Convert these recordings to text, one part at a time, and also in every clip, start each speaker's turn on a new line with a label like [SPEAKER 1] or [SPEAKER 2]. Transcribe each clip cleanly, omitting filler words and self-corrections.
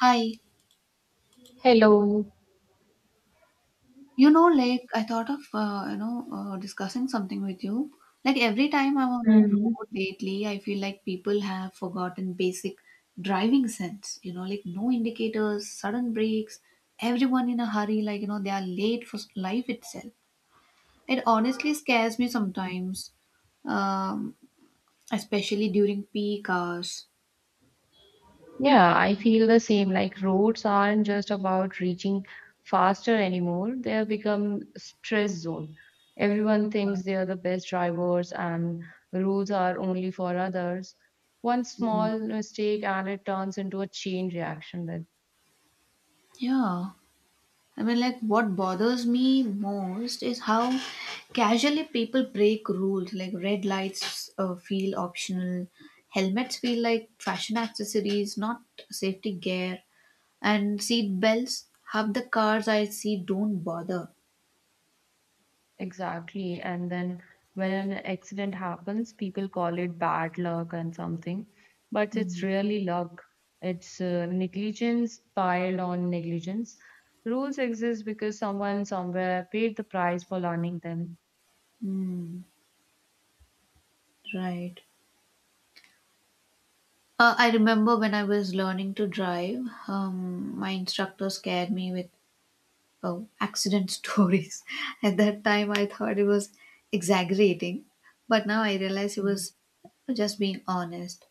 [SPEAKER 1] Hi,
[SPEAKER 2] Hello.
[SPEAKER 1] you know, like I thought of discussing something with you. Like every time I'm on the
[SPEAKER 2] hmm
[SPEAKER 1] road lately, I feel like people have forgotten basic driving sense. Like no indicators, sudden brakes, everyone in a hurry. Like they are late for life itself. It honestly scares me sometimes, um, especially during peak hours.
[SPEAKER 2] Yeah, I feel the same. Like roads aren't just about reaching faster anymore. They have become stress zone. Everyone thinks they are the best drivers and roads are only for others. One small mistake and it turns into a chain reaction.
[SPEAKER 1] Yeah. I mean, like, what bothers me most is how casually people break rules. Like, red lights feel optional, helmets feel like fashion accessories, not safety gear, and seat belts. Half the cars I see don't bother.
[SPEAKER 2] Exactly. And then when an accident happens, people call it bad luck and something, but it's really luck. It's negligence piled on negligence. Rules exist because someone somewhere paid the price for learning them.
[SPEAKER 1] Hmm, right. I remember when I was learning to drive, my instructor scared me with oh, accident stories. At that time, I thought it was exaggerating, but now I realize it
[SPEAKER 2] Mm.
[SPEAKER 1] was just being honest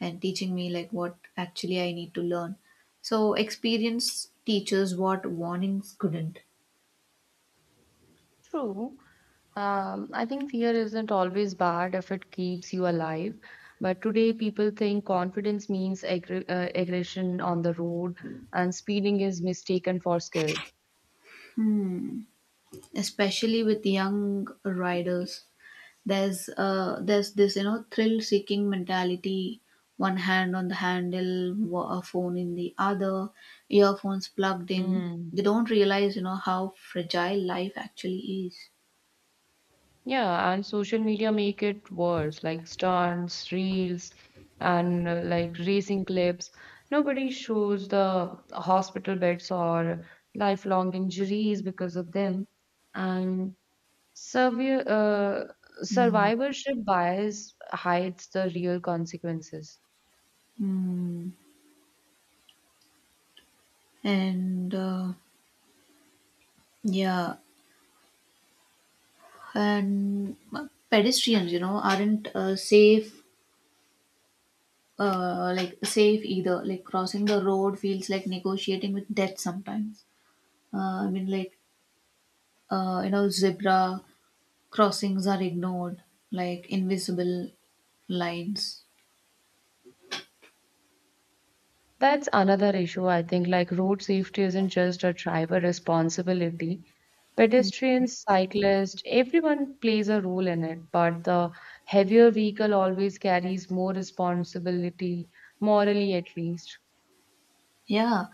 [SPEAKER 1] and teaching me like what actually I need to learn. So, experience teaches what warnings couldn't.
[SPEAKER 2] True. I think fear isn't always bad if it keeps you alive. But today, people think confidence means aggression on the road, and speeding is mistaken for skill.
[SPEAKER 1] Hmm. Especially with young riders. There's this thrill seeking mentality. One hand on the handle, a phone in the other, earphones plugged in.
[SPEAKER 2] Mm.
[SPEAKER 1] They don't realize how fragile life actually is.
[SPEAKER 2] Yeah, and social media make it worse, like stunts, reels, and like racing clips. Nobody shows the hospital beds or lifelong injuries because of them. And severe survivorship bias hides the real consequences.
[SPEAKER 1] Hmm. And, yeah. And pedestrians aren't safe, like safe either. Like crossing the road feels like negotiating with death sometimes. I mean, like zebra crossings are ignored, like invisible lines.
[SPEAKER 2] That's another issue, I think. Like, road safety isn't just a driver responsibility. Pedestrians, cyclists, everyone plays a role in it, but the heavier vehicle always carries more responsibility, morally at least.
[SPEAKER 1] Yeah,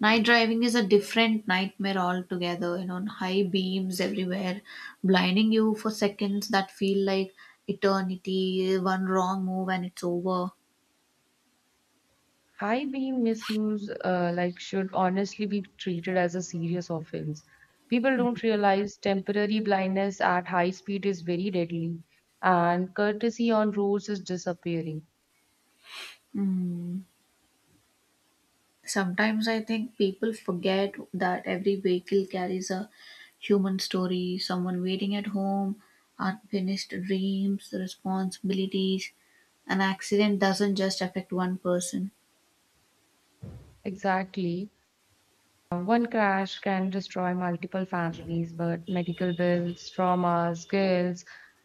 [SPEAKER 1] night driving is a different nightmare altogether, high beams everywhere, blinding you for seconds that feel like eternity, one wrong move and it's over.
[SPEAKER 2] High beam misuse, like, should honestly be treated as a serious offense. People don't realize temporary blindness at high speed is very deadly, and courtesy on roads is disappearing.
[SPEAKER 1] Mm. Sometimes I think people forget that every vehicle carries a human story, someone waiting at home, unfinished dreams, responsibilities. An accident doesn't just affect one person.
[SPEAKER 2] Exactly. One crash can destroy multiple families, but medical bills, traumas, skills,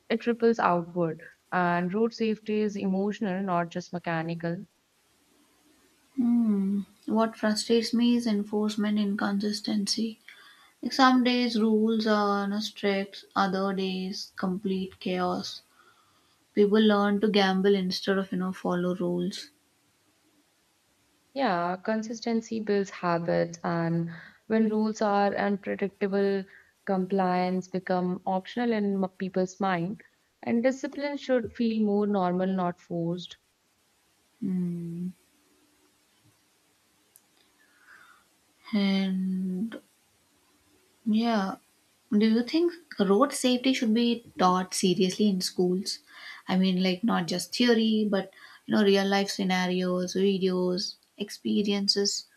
[SPEAKER 2] it triples outward. And road safety is emotional, not just mechanical.
[SPEAKER 1] Hmm. What frustrates me is enforcement inconsistency. Like some days rules are strict, other days complete chaos. People learn to gamble instead of follow rules.
[SPEAKER 2] Yeah, consistency builds habits, and when rules are unpredictable, compliance become optional in people's mind. And discipline should feel more normal, not forced.
[SPEAKER 1] Hmm. And yeah. Do you think road safety should be taught seriously in schools? I mean, like not just theory, but real life scenarios, videos, experiences.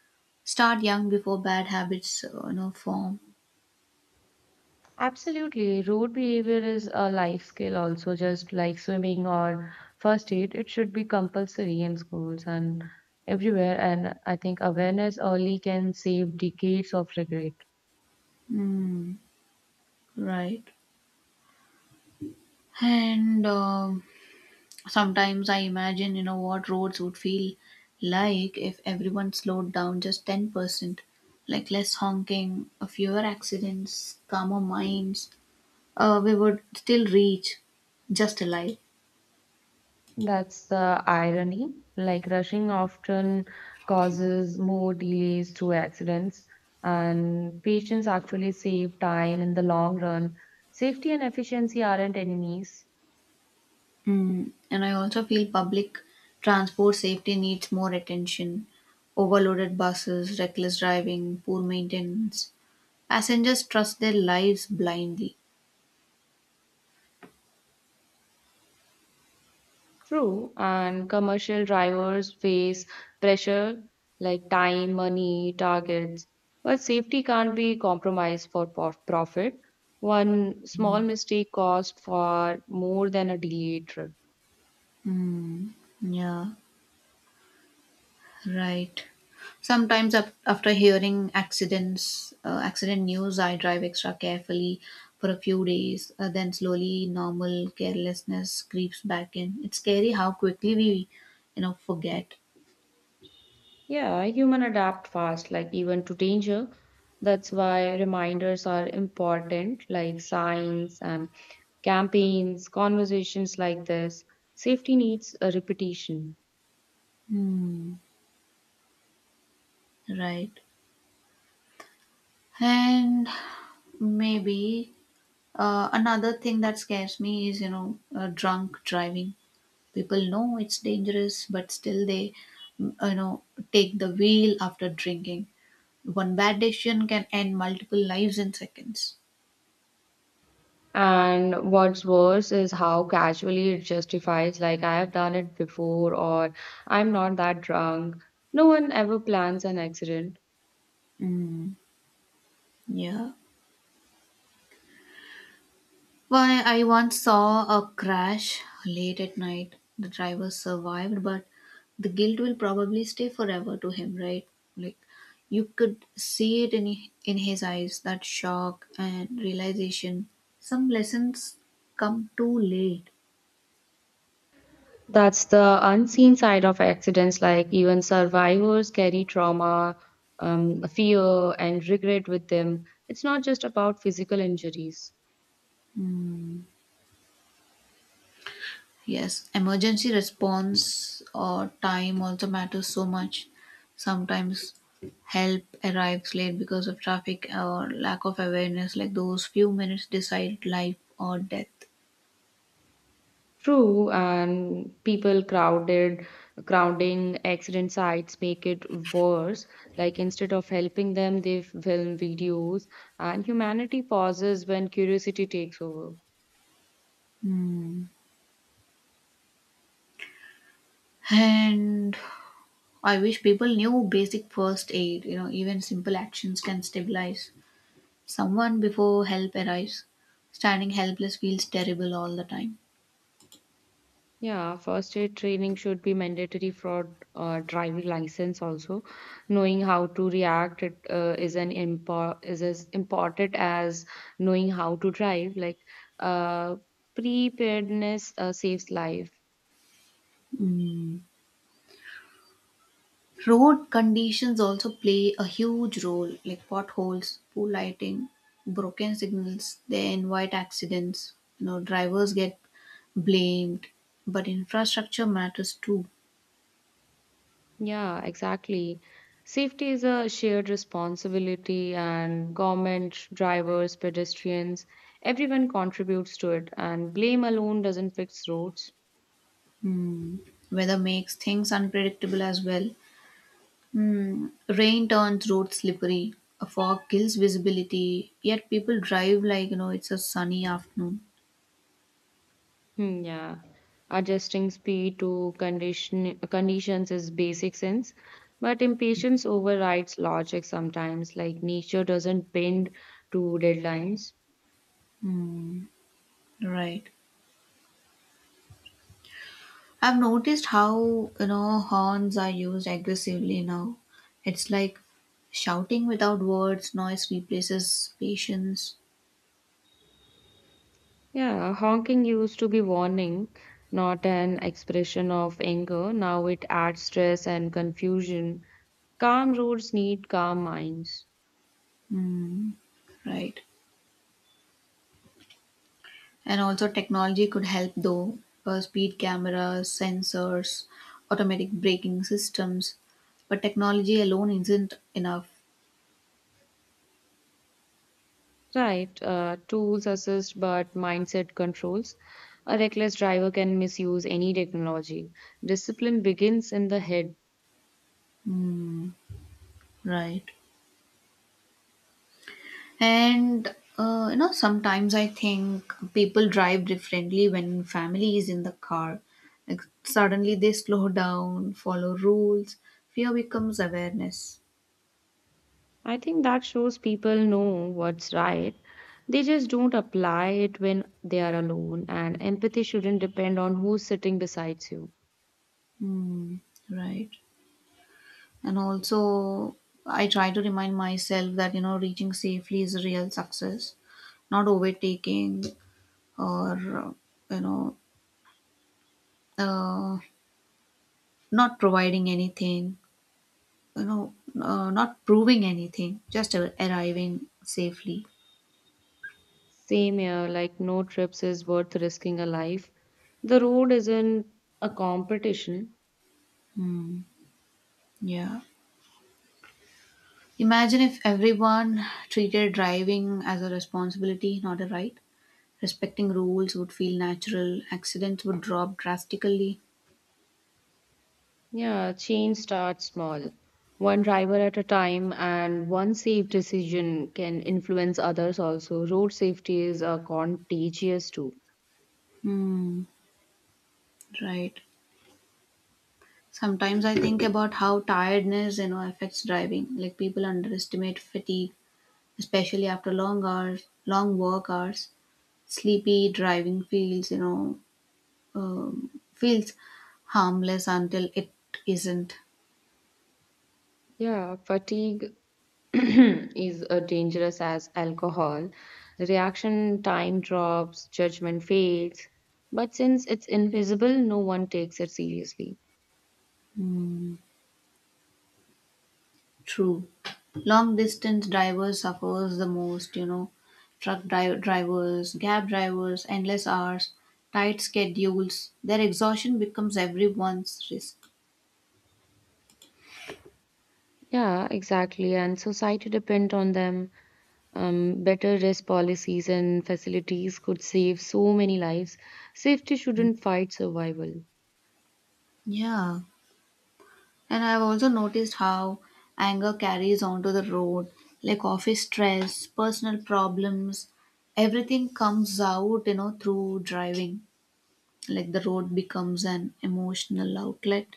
[SPEAKER 1] Start young before bad habits, form.
[SPEAKER 2] Absolutely. Road behavior is a life skill also, just like swimming or first aid. It should be compulsory in schools and everywhere. And I think awareness early can save decades of regret.
[SPEAKER 1] Hmm, right. And sometimes I imagine, what roads would feel like if everyone slowed down just 10%. Like less honking, fewer accidents, calmer minds, we would still reach just a lie.
[SPEAKER 2] That's the irony. Like rushing often causes more delays through accidents, and patients actually save time in the long run. Safety and efficiency aren't enemies.
[SPEAKER 1] Mm. And I also feel public transport safety needs more attention. Overloaded buses, reckless driving, poor maintenance. Passengers trust their lives blindly.
[SPEAKER 2] True, and commercial drivers face pressure like time, money, targets, but safety can't be compromised for profit. One small mistake costs far more than a delayed trip.
[SPEAKER 1] Mm. Yeah. Right. Sometimes after hearing accident news, I drive extra carefully for a few days. Then slowly, normal carelessness creeps back in. It's scary how quickly we forget.
[SPEAKER 2] Yeah, human adapt fast, like even to danger. That's why reminders are important, like signs and campaigns, conversations like this. Safety needs a repetition.
[SPEAKER 1] Hmm. Right. And maybe another thing that scares me is drunk driving. People know it's dangerous, but still they, mm, you know, take the wheel after drinking. One bad decision can end multiple lives in seconds.
[SPEAKER 2] And what's worse is how casually it justifies, like, I have done it before, or I'm not that drunk. No one ever plans an accident.
[SPEAKER 1] Mm. Yeah. Why I once saw a crash late at night. The driver survived, but the guilt will probably stay forever to him, right? Like you could see it in his eyes, that shock and realization. Some lessons come too late.
[SPEAKER 2] That's the unseen side of accidents, like, even survivors carry trauma, fear, and regret with them. It's not just about physical injuries.
[SPEAKER 1] Mm. Yes, emergency response or time also matters so much. Sometimes help arrives late because of traffic or lack of awareness, like those few minutes decide life or death.
[SPEAKER 2] True, and crowding accident sites make it worse. Like instead of helping them, they film videos, and humanity pauses when curiosity takes over.
[SPEAKER 1] Hmm. And I wish people knew basic first aid, even simple actions can stabilize someone before help arrives. Standing helpless feels terrible all the time.
[SPEAKER 2] Yeah, first aid training should be mandatory for driving license also. Knowing how to react it, is as important as knowing how to drive. Like uh, preparedness saves life.
[SPEAKER 1] Hmm. Road conditions also play a huge role, like potholes, poor lighting, broken signals, they invite accidents. Drivers get blamed, but infrastructure matters too.
[SPEAKER 2] Yeah, exactly. Safety is a shared responsibility, and government, drivers, pedestrians, everyone contributes to it, and blame alone doesn't fix roads.
[SPEAKER 1] Hmm. Weather makes things unpredictable as well. Hmm. Rain turns roads slippery. A fog kills visibility. Yet people drive like it's a sunny afternoon.
[SPEAKER 2] Hmm, yeah. Adjusting speed to conditions is basic sense, but impatience overrides logic sometimes, like nature doesn't bend to deadlines.
[SPEAKER 1] Hmm, right. I've noticed how horns are used aggressively now. It's like shouting without words, noise replaces patience,
[SPEAKER 2] Yeah, honking used to be warning, not an expression of anger. Now it adds stress and confusion. Calm roads need calm minds.
[SPEAKER 1] right? And also, technology could help though. Speed cameras, sensors, automatic braking systems. But technology alone isn't enough,
[SPEAKER 2] Right, tools assist but mindset controls. A reckless driver can misuse any technology. Discipline begins in the head.
[SPEAKER 1] mm, right? And sometimes I think people drive differently when family is in the car. Like suddenly they slow down, follow rules. Fear becomes awareness.
[SPEAKER 2] I think that shows people know what's right. They just don't apply it when they are alone, and empathy shouldn't depend on who's sitting beside you.
[SPEAKER 1] Hmm, right. And also, I try to remind myself that reaching safely is a real success, not overtaking or you know, uh, not providing anything you know, not proving anything, just arriving safely.
[SPEAKER 2] Same here, like no trips is worth risking a life. The road isn't a competition.
[SPEAKER 1] Hmm. Yeah. Imagine if everyone treated driving as a responsibility, not a right. Respecting rules would feel natural. Accidents would drop drastically.
[SPEAKER 2] Yeah, change starts small. One driver at a time, and one safe decision can influence others also. Road safety is contagious too.
[SPEAKER 1] Hmm. Right. Sometimes I think about how tiredness affects driving. Like people underestimate fatigue, especially after long work hours. Sleepy driving feels harmless until it isn't.
[SPEAKER 2] Yeah, fatigue is dangerous as alcohol. Reaction time drops, judgment fades. But since it's invisible, no one takes it seriously.
[SPEAKER 1] True. Long distance drivers suffers the most, truck drivers, cab drivers, endless hours, tight schedules. Their exhaustion becomes everyone's risk.
[SPEAKER 2] Yeah, exactly. And society depend on them. Better risk policies and facilities could save so many lives. Safety shouldn't fight survival.
[SPEAKER 1] Yeah. And I've also noticed how anger carries onto the road, like office stress, personal problems, everything comes out, through driving. Like the road becomes an emotional outlet.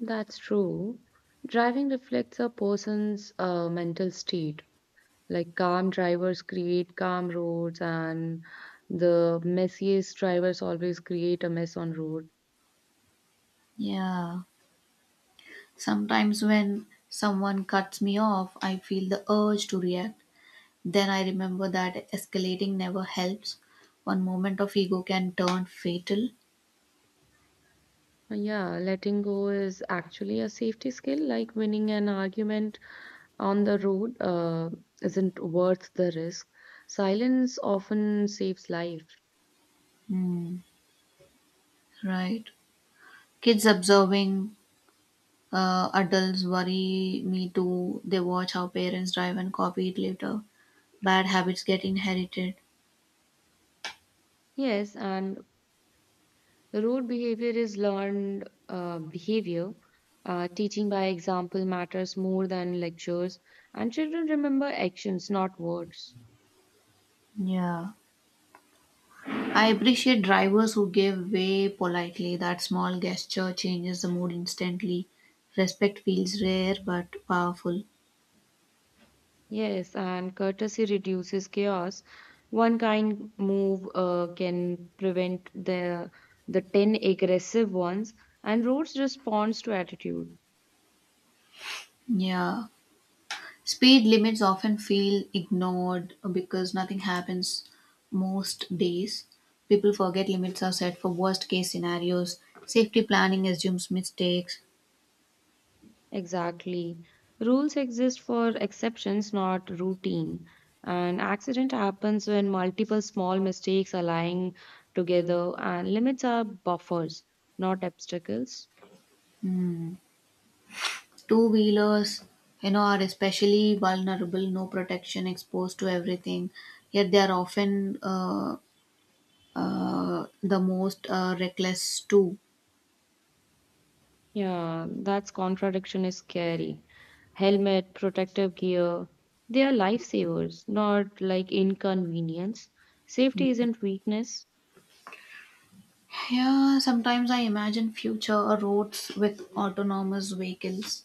[SPEAKER 2] That's true. Driving reflects a person's mental state. Like calm drivers create calm roads, and the messiest drivers always create a mess on road.
[SPEAKER 1] Yeah, sometimes when someone cuts me off, I feel the urge to react. Then I remember that escalating never helps. One moment of ego can turn fatal.
[SPEAKER 2] Yeah, letting go is actually a safety skill, like winning an argument on the road isn't worth the risk. Silence often saves life.
[SPEAKER 1] Hmm, right. Kids observing adults worry me too. They watch how parents drive and copy it later. Bad habits get inherited.
[SPEAKER 2] Yes, and road behavior is learned behavior. Teaching by example matters more than lectures, and children remember actions, not words.
[SPEAKER 1] Yeah, I appreciate drivers who give way politely. That small gesture changes the mood instantly. Respect feels rare but powerful.
[SPEAKER 2] Yes, and courtesy reduces chaos. One kind move can prevent the 10 aggressive ones, and rules responds to attitude.
[SPEAKER 1] Yeah. Speed limits often feel ignored because nothing happens most days. People forget limits are set for worst case scenarios. Safety planning assumes mistakes.
[SPEAKER 2] Exactly. Rules exist for exceptions, not routine. An accident happens when multiple small mistakes align together, and limits are buffers, not obstacles.
[SPEAKER 1] Two wheelers are especially vulnerable, no protection, exposed to everything. Yet they are often uh, the most reckless too.
[SPEAKER 2] Yeah, that's contradiction is scary. Helmet, protective gear, they are lifesavers, not like inconvenience. Safety isn't weakness.
[SPEAKER 1] Yeah, sometimes I imagine future roads with autonomous vehicles,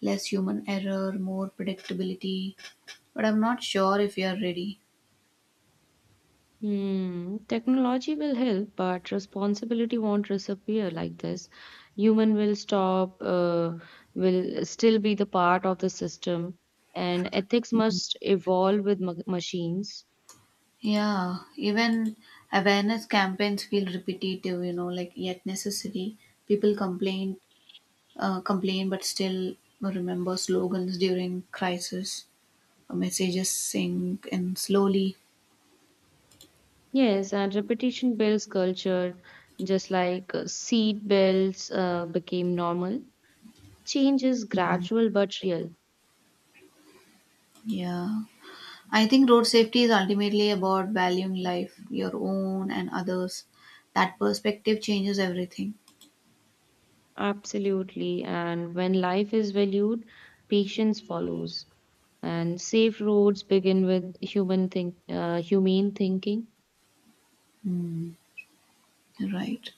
[SPEAKER 1] less human error, more predictability, but I'm not sure if we are ready.
[SPEAKER 2] Hmm, technology will help, but responsibility won't disappear like this. Human will still be the part of the system, and ethics must evolve with ma machines.
[SPEAKER 1] Yeah, even awareness campaigns feel repetitive, like yet necessary. People complain, but still remember slogans during crisis. Messages sink in slowly.
[SPEAKER 2] Yes, and repetition builds culture, just like seat belts became normal. Change is gradual but real.
[SPEAKER 1] Yeah. I think road safety is ultimately about valuing life, your own and others. That perspective changes everything.
[SPEAKER 2] Absolutely. And when life is valued, patience follows. And safe roads begin with humane thinking.
[SPEAKER 1] Hmm, right.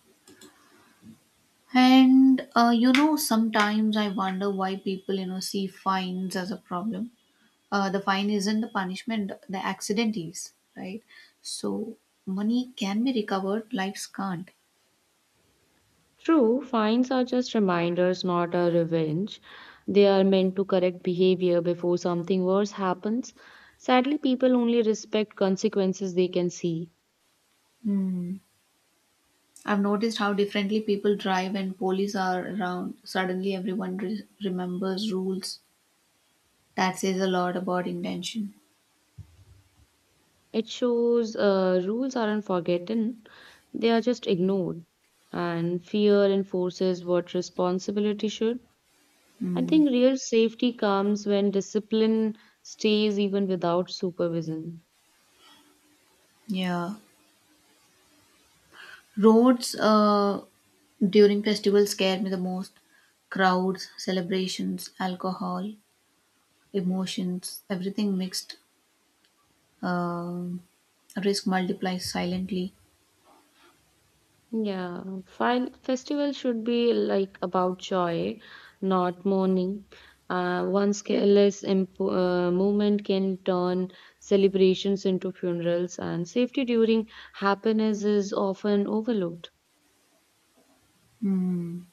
[SPEAKER 1] And sometimes I wonder why people see fines as a problem. The fine isn't the punishment; the accident is, right? So money can be recovered, lives can't.
[SPEAKER 2] True, fines are just reminders, not a revenge. They are meant to correct behavior before something worse happens. Sadly, people only respect consequences they can see.
[SPEAKER 1] Hmm. I've noticed how differently people drive when police are around. Suddenly, everyone remembers rules. That says a lot about intention.
[SPEAKER 2] It shows rules aren't forgotten, they are just ignored. And fear enforces what responsibility should. I
[SPEAKER 1] Mm,
[SPEAKER 2] think real safety comes when discipline stays even without supervision.
[SPEAKER 1] yeah. Roads during festivals scare me the most. Crowds, celebrations, alcohol, emotions, everything mixed. Um risk multiplies silently.
[SPEAKER 2] Yeah, file festival should be like about joy, not mourning. One careless movement can turn celebrations into funerals, and safety during happiness is often overlooked.
[SPEAKER 1] Mm.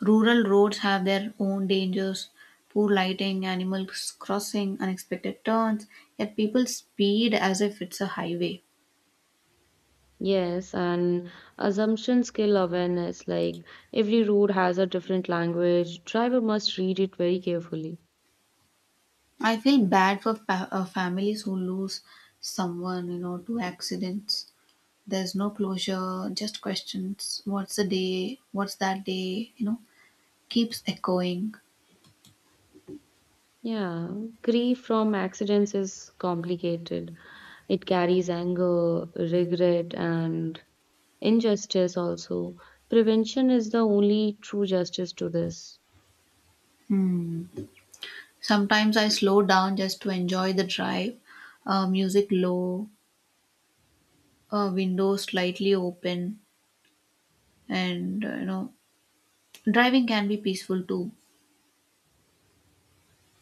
[SPEAKER 1] Rural roads have their own dangers. Poor lighting, animals crossing, unexpected turns, yet people speed as if it's a highway.
[SPEAKER 2] Yes, and assumption skill awareness like every road has a different language. Driver must read it very carefully.
[SPEAKER 1] I feel bad for families who lose someone, to accidents. There's no closure, just questions. What's the day? What's that day? Keeps echoing.
[SPEAKER 2] Yeah, grief from accidents is complicated. It carries anger, regret, and injustice also. Prevention is the only true justice to this.
[SPEAKER 1] Hmm. Sometimes I slow down just to enjoy the drive. Music low, windows slightly open, and driving can be peaceful too.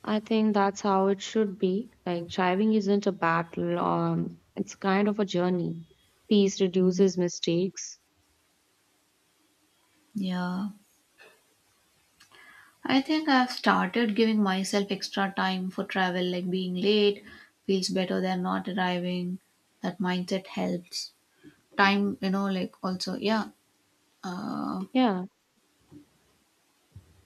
[SPEAKER 2] I think that's how it should be. Like driving isn't a battle, it's kind of a journey. Peace
[SPEAKER 1] Hmm.
[SPEAKER 2] reduces mistakes.
[SPEAKER 1] Yeah. I think I've started giving myself extra time for travel, like being late feels better than not arriving. That mindset helps. Time, like also, yeah, uh,
[SPEAKER 2] Yeah.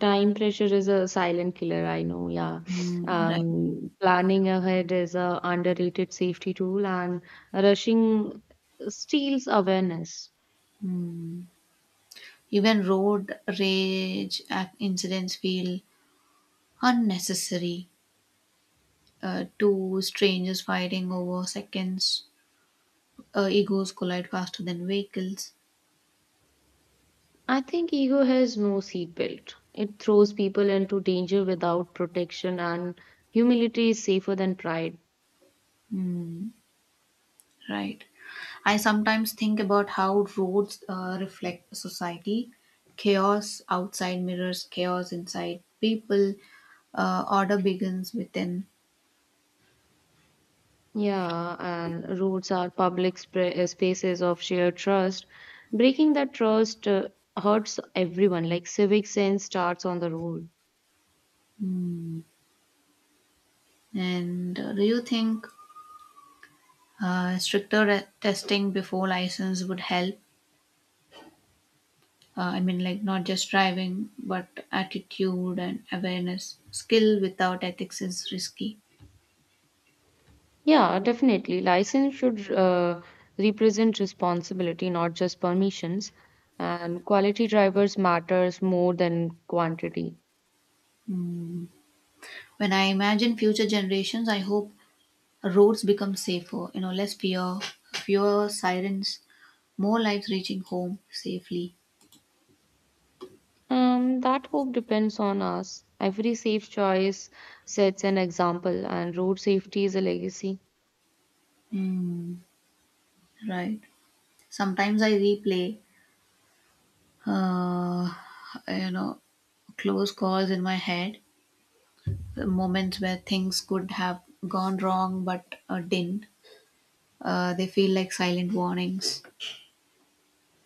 [SPEAKER 2] Time pressure is a silent killer, I know, yeah.
[SPEAKER 1] right.
[SPEAKER 2] Planning ahead is a underrated safety tool and rushing steals awareness.
[SPEAKER 1] Mm. Even road rage incidents feel unnecessary. Two strangers fighting over seconds. Egos collide faster than vehicles.
[SPEAKER 2] I think ego has no seatbelt. It throws people into danger without protection and humility is safer than pride.
[SPEAKER 1] Mm, right. I sometimes think about how roads reflect society. Chaos outside mirrors chaos inside people. Order begins within.
[SPEAKER 2] Yeah, and roads are public spaces of shared trust. Breaking that trust hurts everyone. Like civic sense starts on the road.
[SPEAKER 1] And do you think stricter testing before license would help? I mean, like not just driving, but attitude and awareness. Skill without ethics is risky.
[SPEAKER 2] Yeah, definitely. License should represent responsibility, not just permissions. And quality drivers matters more than quantity.
[SPEAKER 1] Mm. When I imagine future generations, I hope roads become safer, less fear, fewer sirens, more lives reaching home safely.
[SPEAKER 2] That hope depends on us. Every safe choice sets an example, and road safety is a legacy.
[SPEAKER 1] Mm, right. Sometimes I replay, uh, you know, close calls in my head, moments where things could have gone wrong but didn't. They feel like silent warnings.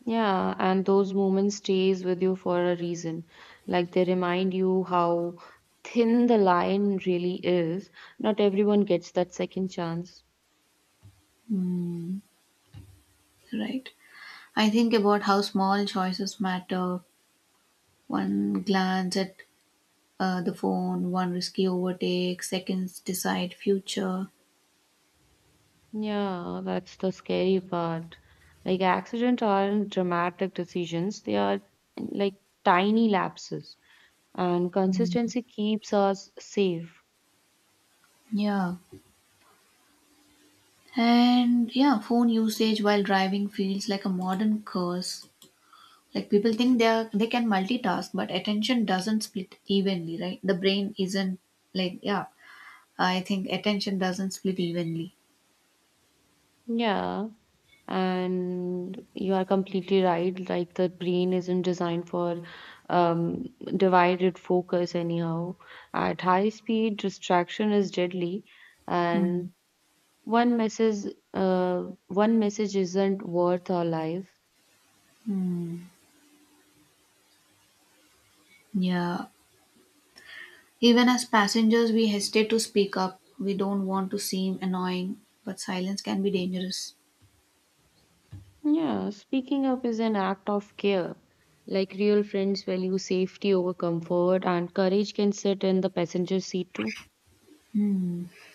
[SPEAKER 2] Yeah, and those moments stays with you for a reason. Like they remind you how thin the line really is. Not everyone gets that second chance.
[SPEAKER 1] Mm, right. I think about how small choices matter. One glance at the phone, one risky overtake, seconds decide future.
[SPEAKER 2] Yeah, that's the scary part. Like, accidents aren't dramatic decisions, they are like tiny lapses, and consistency keeps us safe.
[SPEAKER 1] Yeah. And yeah, phone usage while driving feels like a modern curse. Like people think they can multitask, but attention doesn't split evenly, right? The brain isn't like, yeah. I think attention doesn't split evenly.
[SPEAKER 2] Yeah, and you are completely right. Like, the brain isn't designed for divided focus, anyhow. At high speed, distraction is deadly,
[SPEAKER 1] Hmm.
[SPEAKER 2] and one message isn't worth our life.
[SPEAKER 1] Hmm. Yeah. Even as passengers, we hesitate to speak up. We don't want to seem annoying, but silence can be dangerous.
[SPEAKER 2] Yeah, speaking up is an act of care. Like real friends value safety over comfort, and courage can sit in the passenger seat too.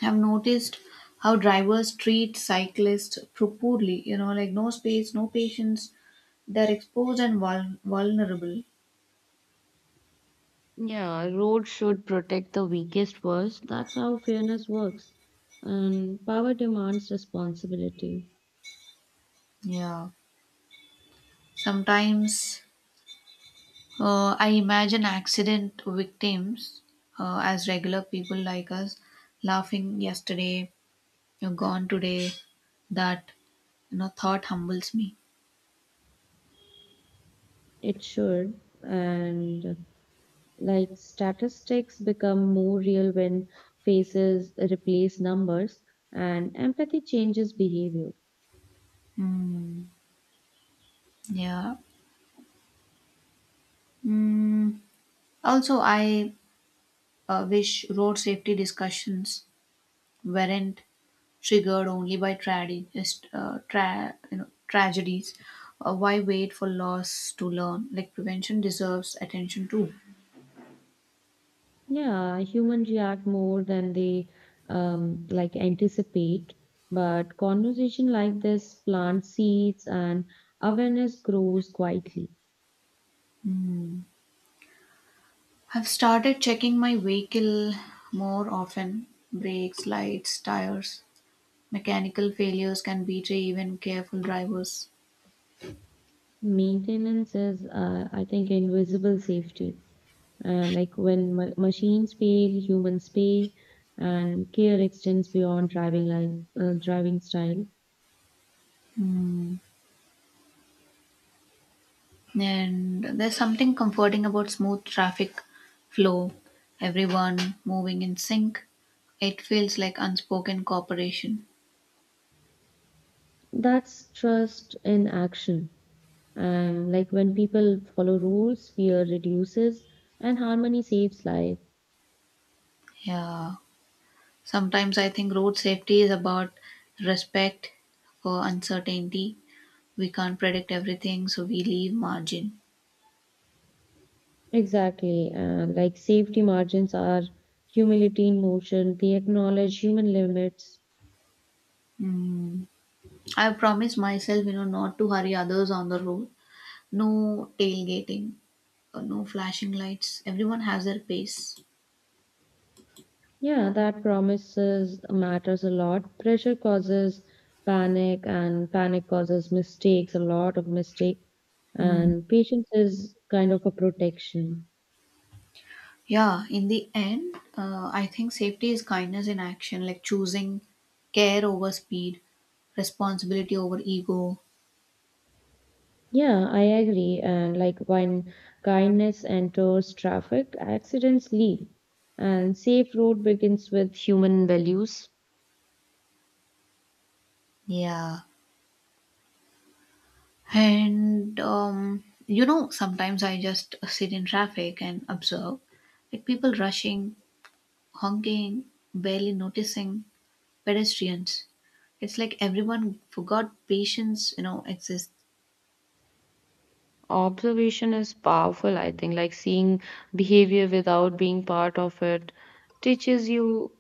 [SPEAKER 1] Have noticed how drivers treat cyclists too poorly. You know, like no space, no patience. They're exposed and vulnerable.
[SPEAKER 2] Yeah, road should protect the weakest first. That's how fairness works. And power demands responsibility.
[SPEAKER 1] Yeah. Sometimes I imagine accident victims as regular people like us laughing yesterday, you're gone today. That thought humbles me.
[SPEAKER 2] It should. And like statistics become more real when faces replace numbers, and empathy changes behavior.
[SPEAKER 1] Mm, yeah. Mm, also, I wish road safety discussions weren't triggered only by tragedies, tra- you know, tragedies. Why wait for loss to learn? Like prevention deserves attention too.
[SPEAKER 2] Yeah, humans react more than they like anticipate, but conversation like this plant seeds and awareness grows quietly.
[SPEAKER 1] I've started checking my vehicle more often. Brakes, lights, tires. Mechanical failures can betray even careful drivers.
[SPEAKER 2] Maintenance is, I think, invisible safety. Like when machines fail, humans pay, and care extends beyond driving style.
[SPEAKER 1] And there's something comforting about smooth traffic flow, everyone moving in sync. It feels like unspoken cooperation.
[SPEAKER 2] That's trust in action. And like when people follow rules, fear reduces and harmony saves life.
[SPEAKER 1] Yeah. Sometimes I think road safety is about respect for uncertainty. We can't predict everything, so we leave margin.
[SPEAKER 2] Exactly. And like safety margins are humility in motion, they acknowledge human limits.
[SPEAKER 1] Mm. I promise myself, not to hurry others on the road. No tailgating, no flashing lights. Everyone has their pace.
[SPEAKER 2] Yeah, that promises matters a lot. Pressure causes panic, and panic causes mistakes, a lot of mistake.
[SPEAKER 1] Hmm.
[SPEAKER 2] And patience is kind of a protection.
[SPEAKER 1] Yeah, in the end, I think safety is kindness in action, like choosing care over speed, responsibility over ego.
[SPEAKER 2] Yeah, I agree. And like when kindness enters traffic, accidents lead, and safe road begins with human values.
[SPEAKER 1] Yeah. And sometimes I just sit in traffic and observe, like people rushing, honking, barely noticing pedestrians. It's like everyone forgot patience, exists.
[SPEAKER 2] Observation is powerful, I think. Like seeing behavior without being part of it teaches you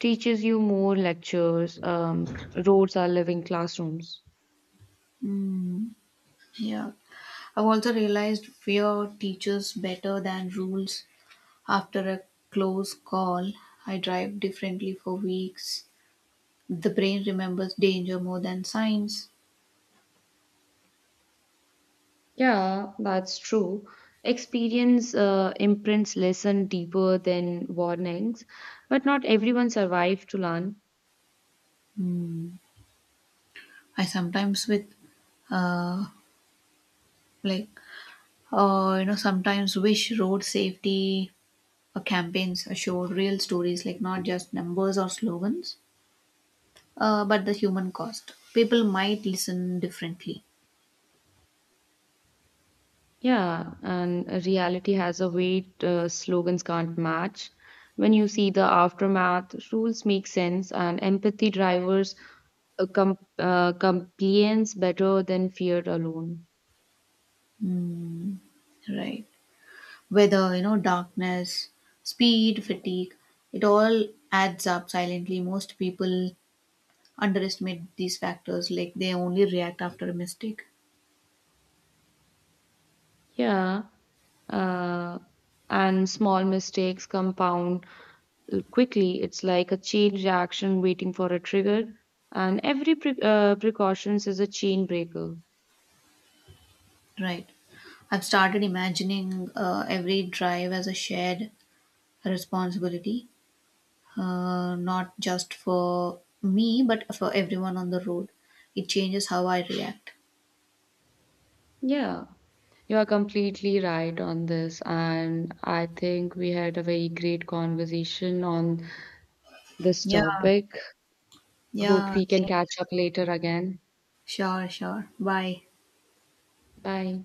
[SPEAKER 2] teaches you more lectures. Roads are living classrooms.
[SPEAKER 1] Mm, yeah. I've also realized fear teaches better than rules. After a close call, I drive differently for weeks. The brain remembers danger more than signs.
[SPEAKER 2] Yeah, that's true. Experience imprints lesson deeper than warnings, but not everyone survives to learn.
[SPEAKER 1] Hmm. I sometimes with uh, like you know sometimes wish road safety campaigns show real stories, like not just numbers or slogans, but the human cost. People might listen differently.
[SPEAKER 2] Yeah, and reality has a weight slogans can't match. When you see the aftermath, rules make sense, and empathy drivers compliance better than fear alone.
[SPEAKER 1] Mm, right. Whether darkness, speed, fatigue, it all adds up silently. Most people underestimate these factors, like they only react after a mistake.
[SPEAKER 2] Yeah, uh, and small mistakes compound quickly. It's like a chain reaction waiting for a trigger, and every precautions is a chain breaker.
[SPEAKER 1] Right. I've started imagining every drive as a shared responsibility. Not just for me, but for everyone on the road. It changes how I react.
[SPEAKER 2] Yeah. You are completely right on this, and I think we had a very great conversation on this
[SPEAKER 1] Yeah,
[SPEAKER 2] topic. Hope
[SPEAKER 1] yeah,
[SPEAKER 2] we can
[SPEAKER 1] same.
[SPEAKER 2] catch up later again.
[SPEAKER 1] Sure, sure. Bye.
[SPEAKER 2] Bye.